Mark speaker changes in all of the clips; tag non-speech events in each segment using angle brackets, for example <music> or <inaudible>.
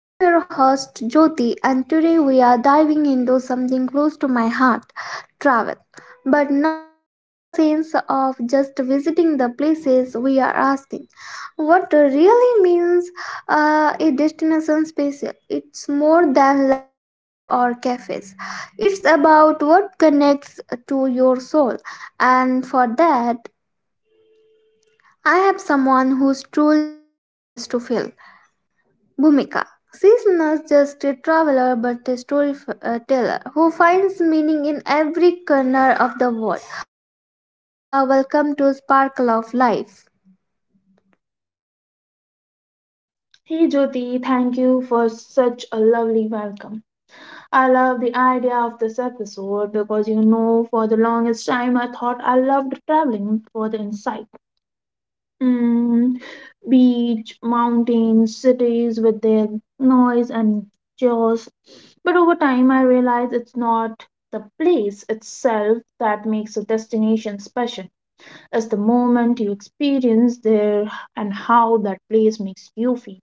Speaker 1: I am your host Jyoti, and today we are diving into something close to my heart travel. But not in the sense of just visiting the places we are asking. What really means a destination special? It's more than landscape or cafes. It's about what connects to your soul, and for that, I have someone who's truly travels to feel. Bhumika. She's not just a traveler but a storyteller who finds meaning in every corner of the world. Hello, Bhumika. Welcome to Sparkle of Life.
Speaker 2: Hey Jyoti, thank you for such a lovely welcome. I love the idea of this episode because you know, for the longest time, I thought I loved traveling for the insight. Mm, beach, mountains, cities with their noise and chaos. But over time, I realized it's not the place itself that makes a destination special, it's the moment you experience there and how that place makes you feel.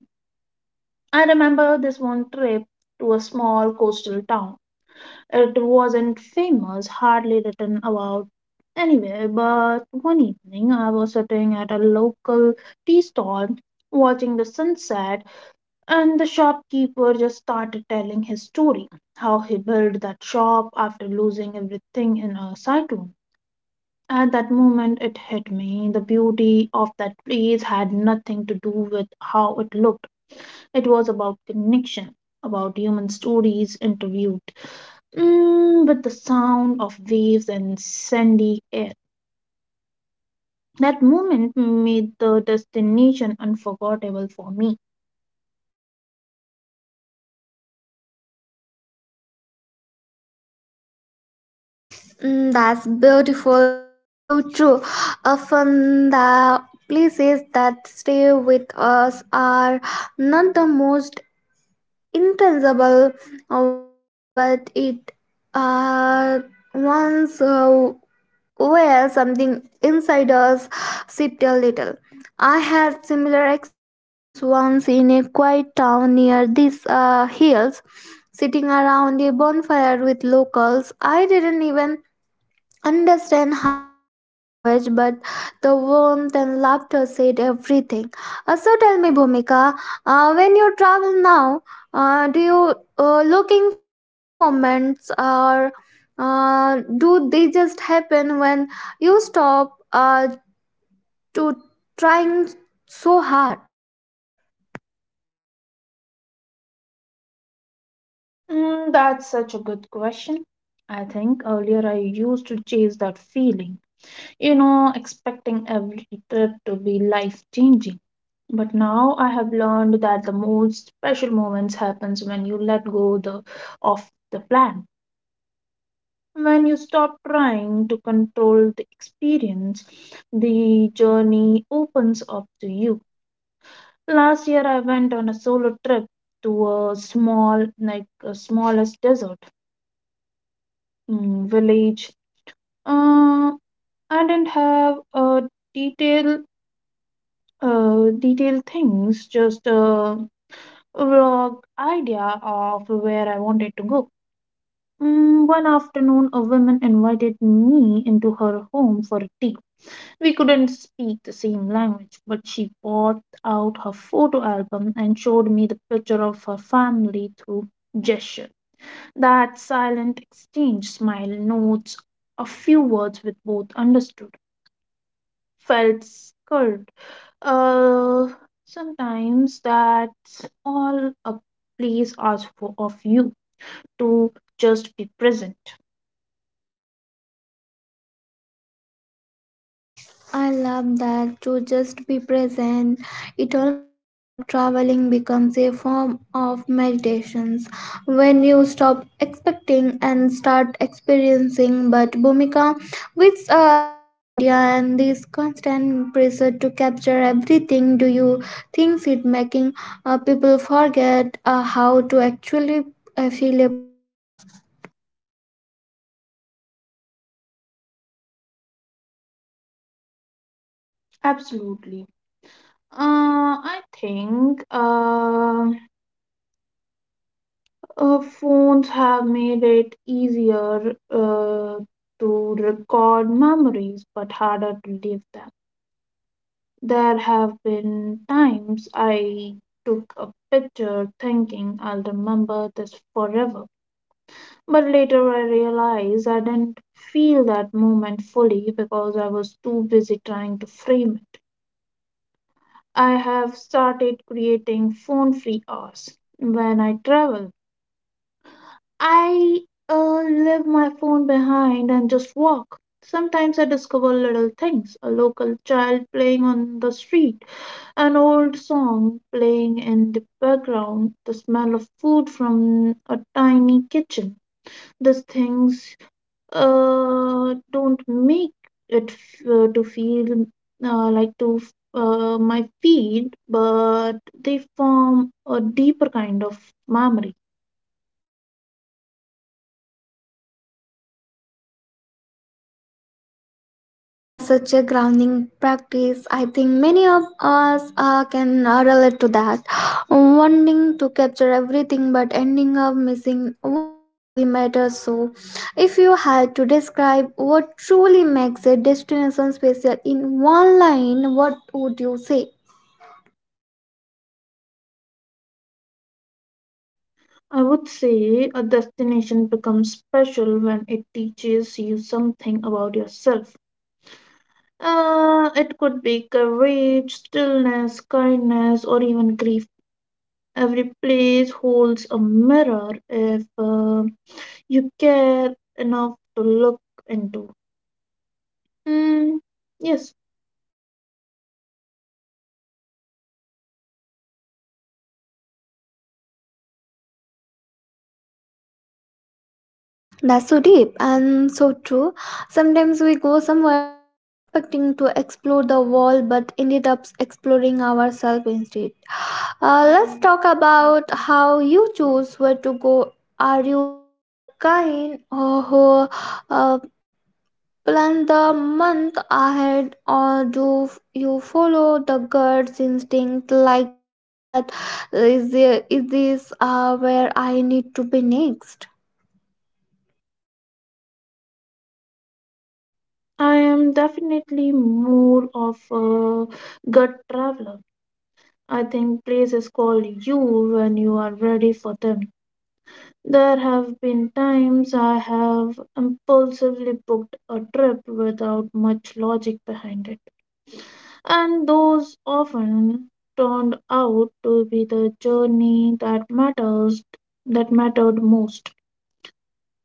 Speaker 2: I remember this one trip to a small coastal town. It wasn't famous, hardly written about anywhere, but one evening I was sitting at a local tea stall watching the sunset, and the shopkeeper just started telling his story how he built that shop after losing everything in a cyclone. At that moment, it hit me. The beauty of that place had nothing to do with how it looked, it was about connection, about human stories interviewed with the sound of waves and sandy air. That moment made the destination unforgettable for me.
Speaker 1: Mm, that's beautiful. It's so true. Often the places that stay with us are not the most intangible ones, but it uh, ones where something inside us sipped a little. I had similar experience once in a quiet town near these hills, sitting around a bonfire with locals. I didn't even understand half the language, but the warmth and laughter said everything. So tell me, Bhumika, when you travel now, do you looking for those moments, or do they just happen when you stop to trying so hard?
Speaker 2: Mm, that's such a good question. I think earlier I used to chase that feeling, you know, expecting every trip to be life changing. But now I have learned that the most special moments happens when you let go of the plan, when you stop trying to control the experience, the journey opens up to you. Last year, I went on a solo trip to a small, like a smallest desert village. Uh, I didn't have a detail, detailed things, just a vlog idea of where I wanted to go. Mm, one afternoon, a woman invited me into her home for tea. We couldn't speak the same language, but she brought out her photo album and showed me the picture of her family through gesture. That silent exchange, smile, notes, a few words with both understood, felt scared. Uh, Sometimes that's all a place asks for of you to just be present.
Speaker 1: I love that to just be present. It almost like traveling becomes a form of meditations when you stop expecting and start experiencing. But Bhumika, with social media and this constant pressure to capture everything, do you think it making people forget how to actually feel a place?
Speaker 2: Absolutely. I think. Phones have made it easier to record memories but harder to leave them. There have been times I took a picture thinking I'll remember this forever, but later I realized I didn't feel that moment fully because I was too busy trying to frame it. I have started creating phone free hours when I travel. I leave my phone behind and just walk. Sometimes I discover little things, a local child playing on the street, an old song playing in the background, the smell of food from a tiny kitchen. These things don't make it f- to feel like to my feed, but they form a deeper kind of memory.
Speaker 1: That's such a grounding practice. I think many of us can relate to that. <gasps> Wanting to capture everything but ending up missing what actually matters. So, if you had to describe what truly makes a destination special in one line, what would you say?
Speaker 2: I would say a destination becomes special when it teaches you something about yourself. It could be courage, stillness, kindness, or even grief. Every place holds a mirror if you care enough to look into. Mm, yes,
Speaker 1: That's so deep and so true. Sometimes we go somewhere expecting to explore the world but ended up exploring ourselves instead. Let's talk about how you choose where to go. Are you the kind who uh, plan the month ahead, or do you follow the gut instinct, like feeling that is this where I need to be next?
Speaker 2: I am definitely more of a gut traveler. I think places call you when you are ready for them. There have been times I have impulsively booked a trip without much logic behind it, and those often turned out to be the journey that matters that mattered most.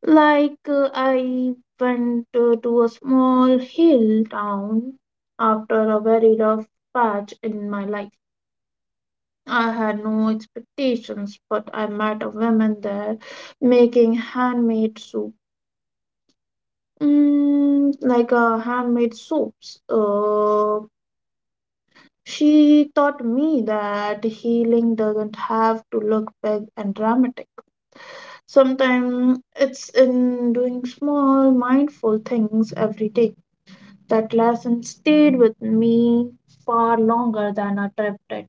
Speaker 2: Like I went to a small hill town after a very rough patch in my life. I had no expectations, but I met a woman there making handmade soup Mm, like handmade soaps. She taught me that healing doesn't have to look big and dramatic. Sometimes it's in doing small, mindful things every day. That lesson stayed with me far longer than a trip did.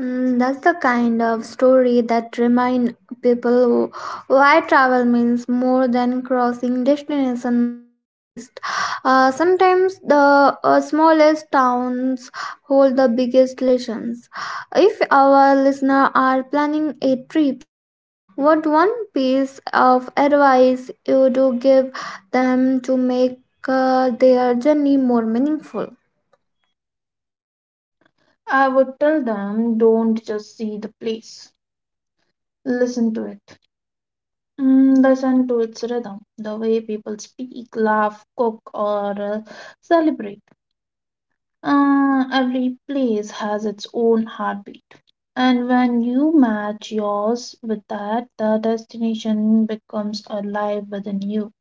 Speaker 1: Mm, that's the kind of story that remind people why travel means more than crossing destination of a list. Sometimes the smallest towns hold the biggest lessons. If our listener are planning a trip soon, what one piece of advice you do give them to make their journey more meaningful?
Speaker 2: I would tell them, don't just see the place, listen to it. Mm, listen to its rhythm, the way people speak, laugh, cook, or celebrate. Every place has its own heartbeat, and when you match yours with that, the destination becomes alive within you.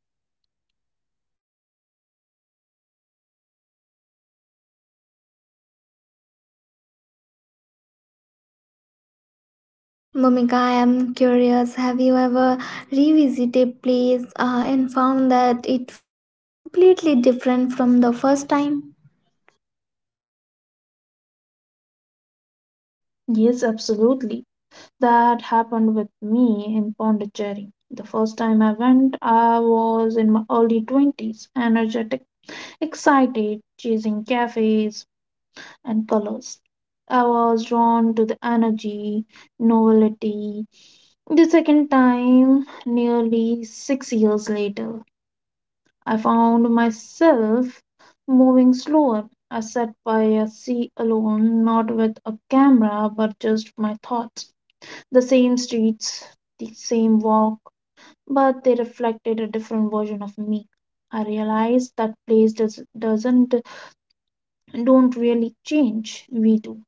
Speaker 1: Momika, I am curious. Have you ever revisited a place and found that it felt completely different from the first time?
Speaker 2: Yes, absolutely. That happened with me in Pondicherry. The first time I went, I was in my early 20s, energetic, excited, chasing cafes, and colors. I was drawn to the energy, novelty. The second time, nearly 6 years later, I found myself moving slower. I sat by a sea alone, not with a camera, but just my thoughts. The same streets, the same walk, but they reflected a different version of me. I realized that place does, doesn't don't really change. We do.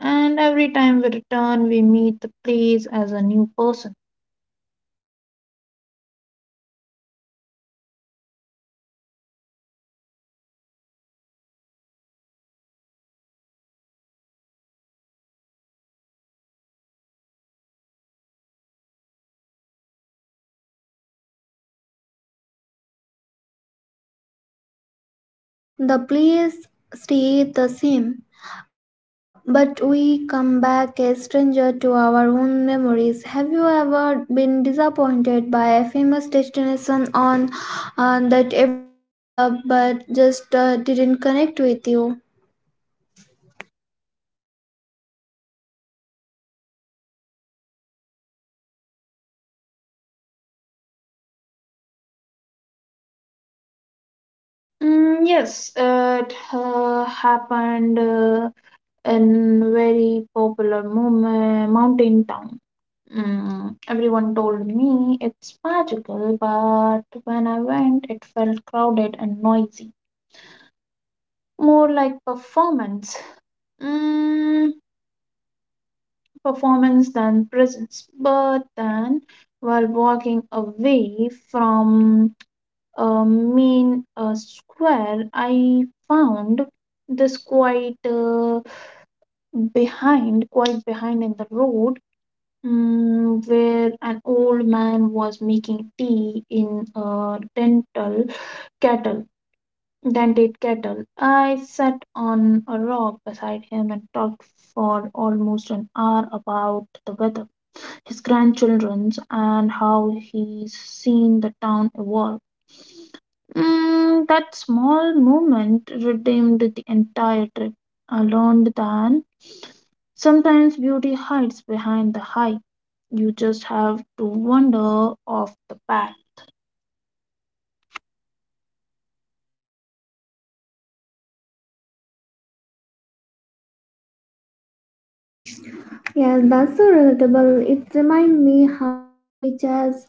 Speaker 2: And every time we return, we meet the place as a new person.
Speaker 1: That's such a powerful thought. The place stayed the same, but we come back a stranger to our own memories. Have you ever been disappointed by a famous destination on that everyone loved but just didn't connect with you?
Speaker 2: Mm, yes, it happened in very popular mountain town. Mm, everyone told me it's magical, but when I went, it felt crowded and noisy, more like Mm, performance than presence. But then, while walking away from main square, I found this quite behind in the road, where an old man was making tea in a kettle, dented kettle. I sat on a rock beside him and talked for almost an hour about the weather, his grandchildrens, and how he's seen the town evolve. Mm, that small moment redeemed the entire trip. I learned that sometimes beauty hides behind the hype. You just have to wander off the path.
Speaker 1: Yeah, that's so relatable. It reminds me how often we chase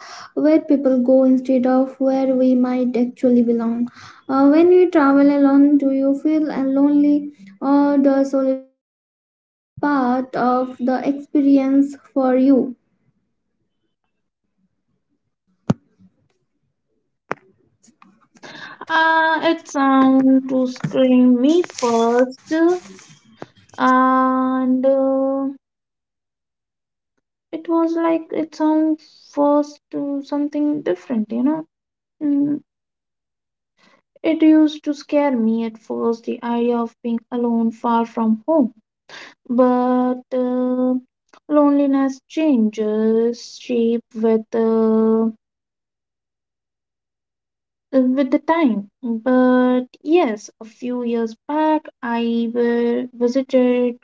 Speaker 1: where people go instead of where we might actually belong. When you travel alone, do you feel lonely or does solitude becomes a part of the experience for you?
Speaker 2: It sound to scream me first, and it was like it sound first to something different, you know. Mm, It used to scare me at first, the idea of being alone far from home. But loneliness changes shape with the time. But yes, a few years back, I visited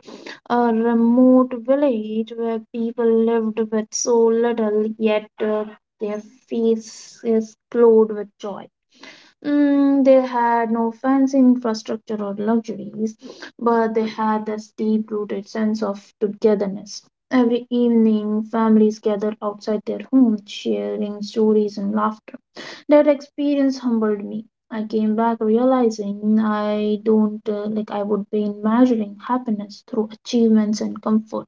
Speaker 2: a remote village where people lived with so little, yet their faces glowed with joy. Mm, they had no fancy infrastructure or luxuries, but they had this deep rooted sense of togetherness. Every evening, families gathered outside their homes, sharing stories and laughter. That experience humbled me. I came back realizing I don't like I would be measuring happiness through achievements and comfort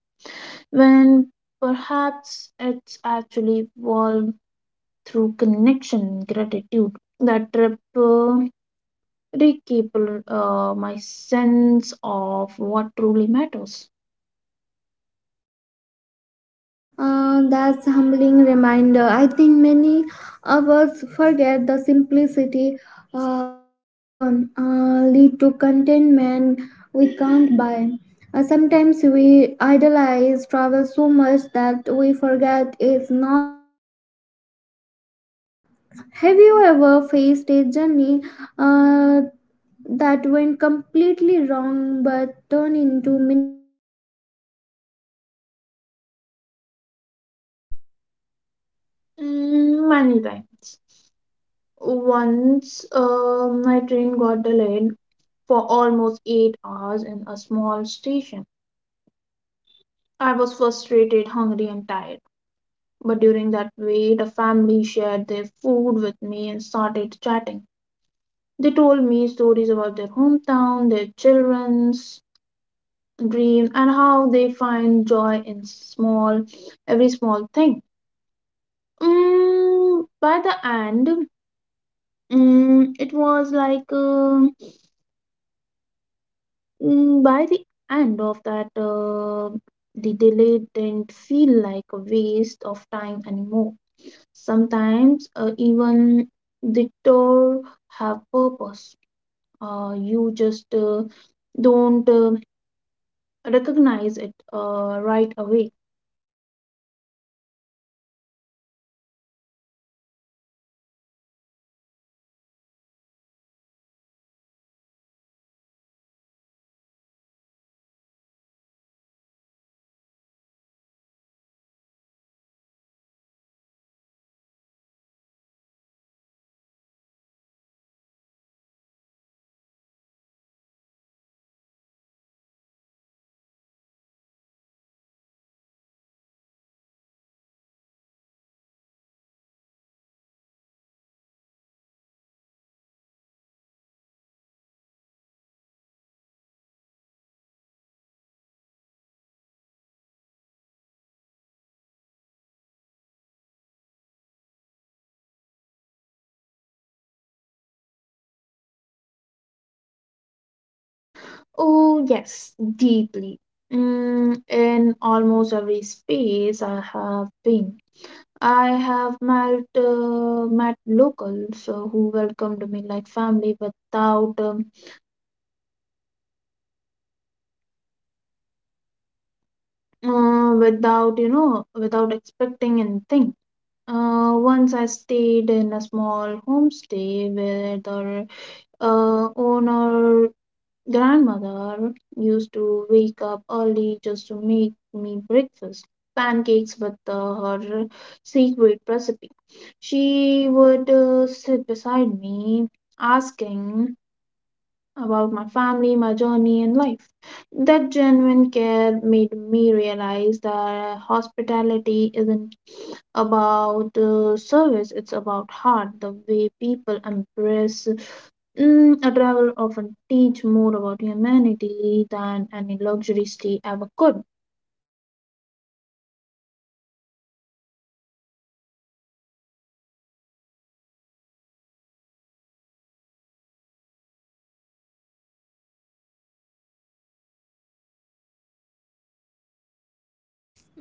Speaker 2: when perhaps it's actually evolved through connection and gratitude. That trip rekindle my sense of what truly matters.
Speaker 1: That's a humbling reminder. I think many of us forget the simplicity can often lead to contentment we can't buy. Sometimes we idolize travel so much that we forget it's not always perfect. Uh, have you ever faced a journey uh, that went completely wrong but turned into meaningful later?
Speaker 2: Mm, many times. Once my train got delayed for almost 8 hours in a small station. I was frustrated, hungry, and tired. But during that wait, a family shared their food with me and started chatting. They told me stories about their hometown, their children's dream, and how they find joy in every small thing. Mm, by the end, mm, it was like mm, by the end of that, the delay didn't feel like a waste of time anymore. Sometimes, even the tour have purpose. You just don't recognize it right away.
Speaker 1: Mm, that's so true. We call them delay, but maybe they are invitations to notice. Uh, what we usually overlook have local people changed your understanding of what hospitality means.
Speaker 2: Oh yes, deeply. Mm, in almost every space I have been. I have met locals who welcomed me like family without you know without expecting anything. Once I stayed in a small homestay where the owner grandmother used to wake up early just to make me breakfast pancakes with her secret recipe. She would sit beside me asking about my family, my journey, and life. That genuine care made me realize that hospitality isn't about service, it's about heart. The way people embrace a travel often teach more about humanity than any luxury stay ever could.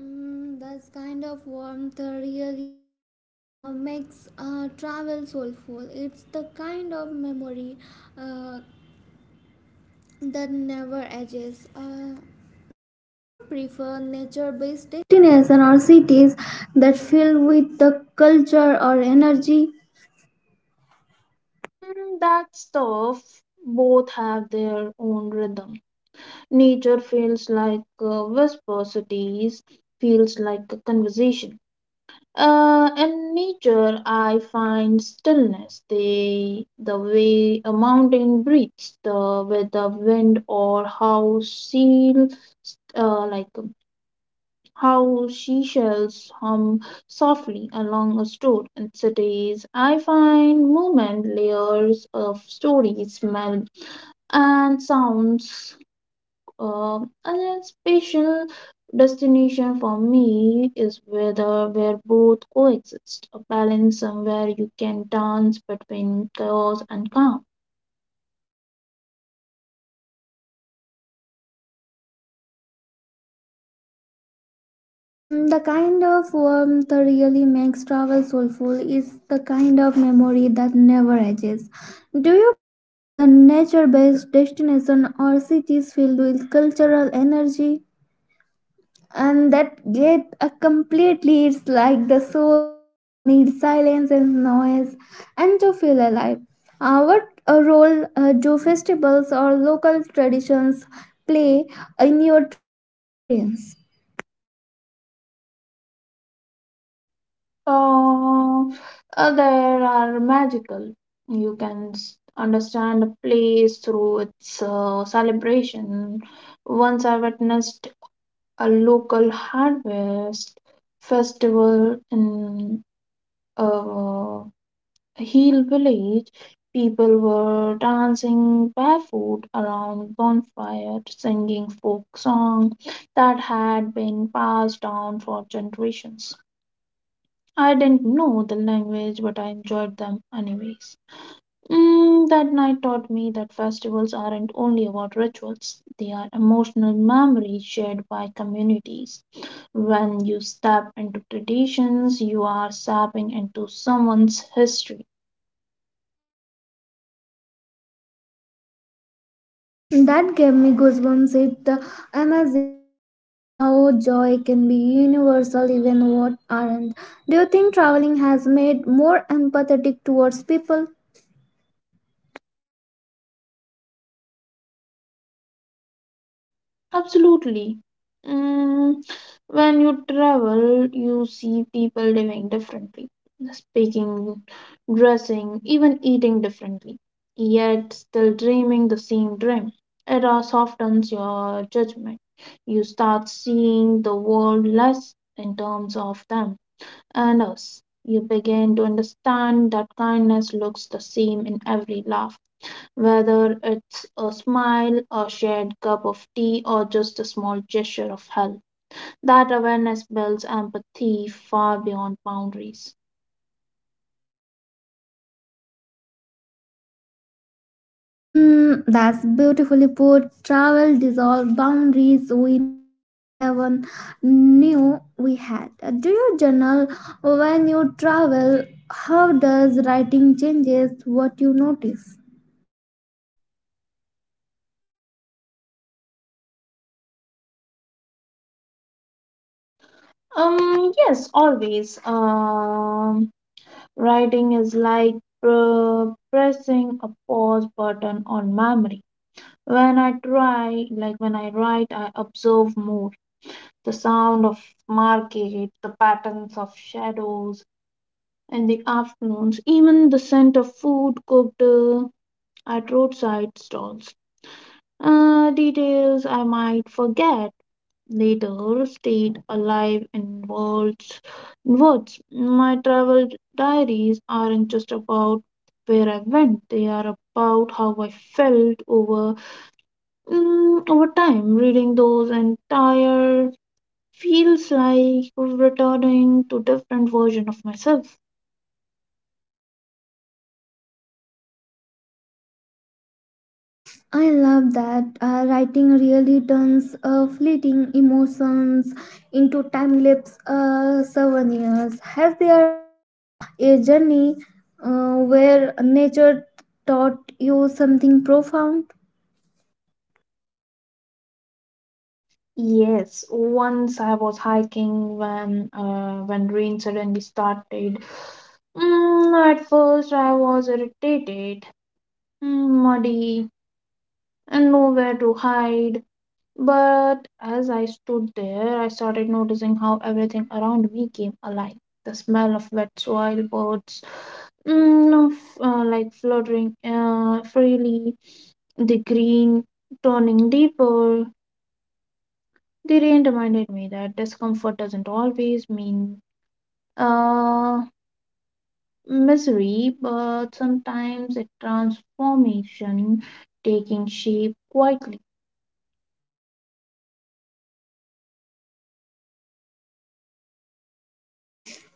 Speaker 1: Mm, this kind of warmth really makes travel soulful. It's the kind of memory uh, that never ages. Do you prefer nature-based destinations or cities that fill with the culture or energy?
Speaker 2: Mm, that stuff Both have their own rhythm. Nature feels like a whisper, cities feels like a conversation. In nature, I find stillness. The way a mountain breathes, the with the wind, or how seal, like how seashells hum softly along a store. In cities, I find movement, layers of stories, smell, and sounds. Uh, and a special destination for me is whether where both coexist, a balance somewhere you can dance between chaos and calm.
Speaker 1: Mm, the kind of warmth that really makes travel soulful is the kind of memory that never ages. Do you prefer the nature-based destination or cities filled with cultural energy? And that get a completely it's like the soul both needs silence and noise and to feel alive. What a role do festivals or local traditions play in your travel experience?
Speaker 2: Uh, there are magical. You can understand a place through its celebration. Once I witnessed a local harvest festival in a hill village. People were dancing barefoot around bonfire, singing folk songs that had been passed down for generations. I didn't know the language, but I enjoyed them anyways. Mm, that night taught me that festivals aren't only about rituals, they are emotional memories shared by communities. When you step into traditions, you are stepping into someone's history.
Speaker 1: That gave me goosebumps. It's amazing how joy can be universal even what aren't. Do you think traveling has made more empathetic towards people?
Speaker 2: Absolutely. Mm, when you travel, you see people living differently, speaking, dressing, even eating differently, yet still dreaming the same dream. It all softens your judgment. You start seeing the world less in terms of them and us. You begin to understand that kindness looks the same in every laugh, whether it's a smile, a shared cup of tea, or just a small gesture of help. That awareness builds empathy far beyond boundaries.
Speaker 1: Mm, that's beautifully put. Travel dissolved boundaries we never even knew we had. Do you journal when you travel? How does writing changes what you notice?
Speaker 2: Yes, always. Writing is like uh, pressing a pause button on memory. When I write, I observe more, the sound of market, the patterns of shadows in the afternoons, even the scent of food cooked. At roadside stalls. Details I might forget later stayed alive in words. My travel diaries aren't just about where I went, they are about how I felt over over time. Reading those entire feels like returning to different version of myself.
Speaker 1: I love that. Writing really turns fleeting emotions into time lapse souvenirs. Has there been a journey where nature taught you something profound?
Speaker 2: Yes, once I was hiking when rain suddenly started. Mm, at first, I was irritated, mm, muddy, and nowhere to hide. But as I stood there, I started noticing how everything around me came alive. The smell of wet soil, birds, fluttering freely, the green turning deeper. The rain reminded me that discomfort doesn't always mean uh, misery, but sometimes it transformation taking shape quietly.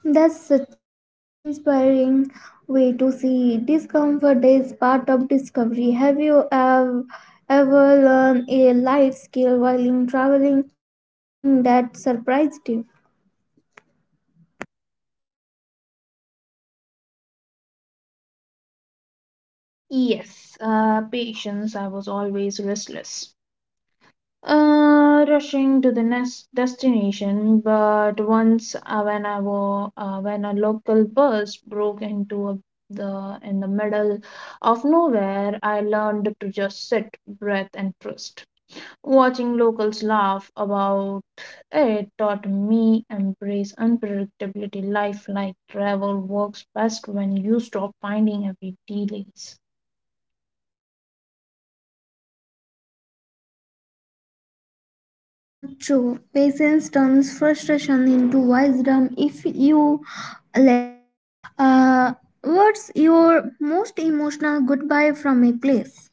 Speaker 1: That's such a inspiring way to see it. Discomfort is part of discovery. Ever learned a life skill while in traveling? Something that surprised you?
Speaker 2: Yes, patience. I was always restless, rushing to the next destination. But once, when a local bus broke into a, the in the middle of nowhere, I learned to just sit, breathe, and trust. Watching locals laugh about it taught me embrace unpredictability. Life like travel works best when you stop finding every delays.
Speaker 1: True. Patience turns frustration into wisdom if you let it. Uh, what's your most emotional goodbye from a place?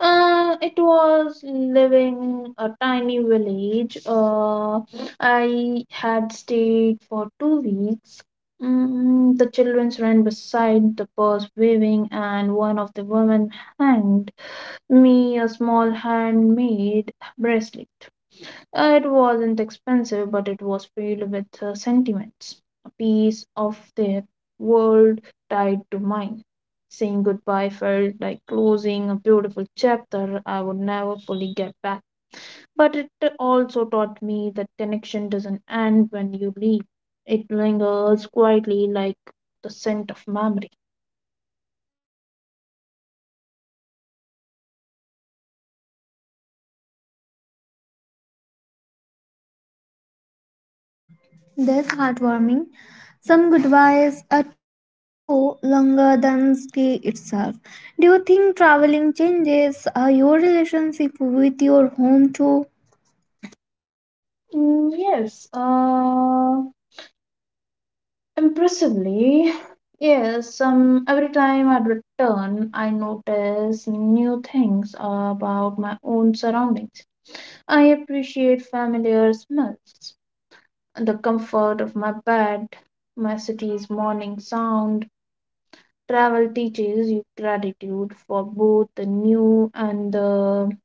Speaker 2: It was living a tiny village. I had stayed for 2 weeks. Mm, the children ran beside the bus waving, and one of the women handed me a small handmade bracelet. It wasn't expensive, but it was filled with sentiments. A piece of their world tied to mine. Saying goodbye felt like closing a beautiful chapter I would never fully get back. But it also taught me that connection doesn't end when you leave, it lingers quietly like the scent of memory.
Speaker 1: That's heartwarming. Some goodbyes are truly go longer than stay itself. Do you think traveling changes your relationship with your home too?
Speaker 2: Mm, yes. Impressively, yes. Every time I return, I notice new things about my own surroundings. I appreciate familiar smells, the comfort of my bed, my city's morning sound. Travel teaches you gratitude for both the new and the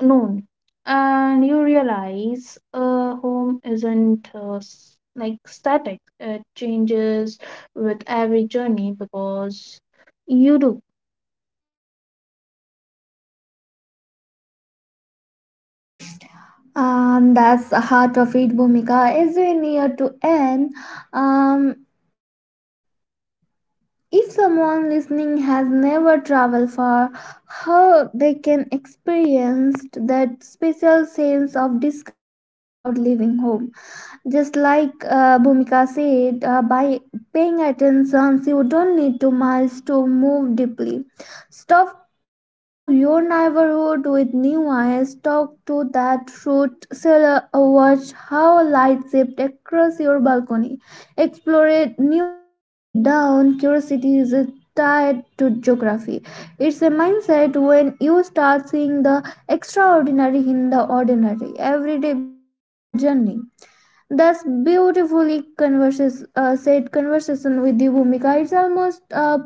Speaker 2: known, and you realize a home isn't like static, it changes with every journey because you do.
Speaker 1: That's the heart of it, Bhumika. As we near to end, um, if someone listening has never traveled far, how they can experience that special sense of discovery without leaving home? Just like bhumika said by paying attention you don't need to miles to move deeply, stop into your neighborhood with new eyes, talk to that fruit seller, watch how light shift across your balcony, explore a new street a down curiosity is tied to geography. It's a mindset when you start seeing the extraordinary in the ordinary every day becomes small journey. Thus, beautifully converses, said conversation with the Bhumika. It's almost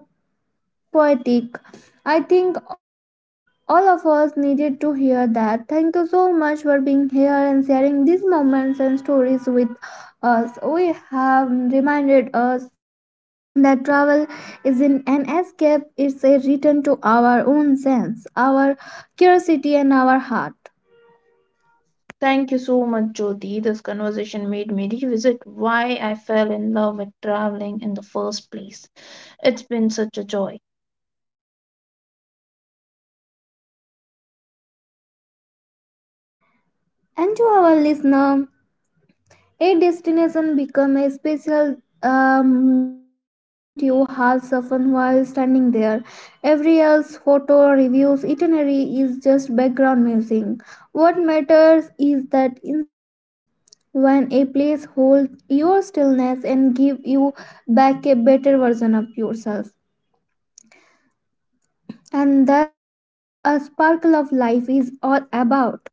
Speaker 1: poetic. I think of all of us needed to hear that. Thank you so much for being here and sharing these moments and stories with us. We have reminded us that travel isn't an escape, it's a return to our own sense, our curiosity, and our heart.
Speaker 2: Thank you so much, Jyoti, this conversation made me revisit why I fell in love with traveling in the first place. It's been such a joy.
Speaker 1: And to our listener, a destination become a special the moment you have suffered while standing there. Every else photo, reviews, itinerary is just background music. What matters is that instant when a place holds your stillness and give you back a better version of yourself. And that's what a sparkle of life is all about.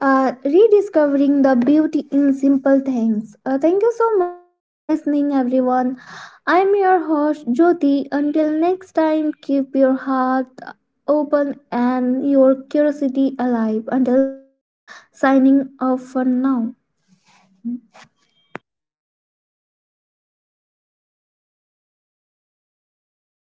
Speaker 1: Rediscovering the beauty in simple things. Thank you so much for listening, everyone. I'm your host, Jyoti. Until next time, keep your heart open and your curiosity alive. Until next time, signing off for now.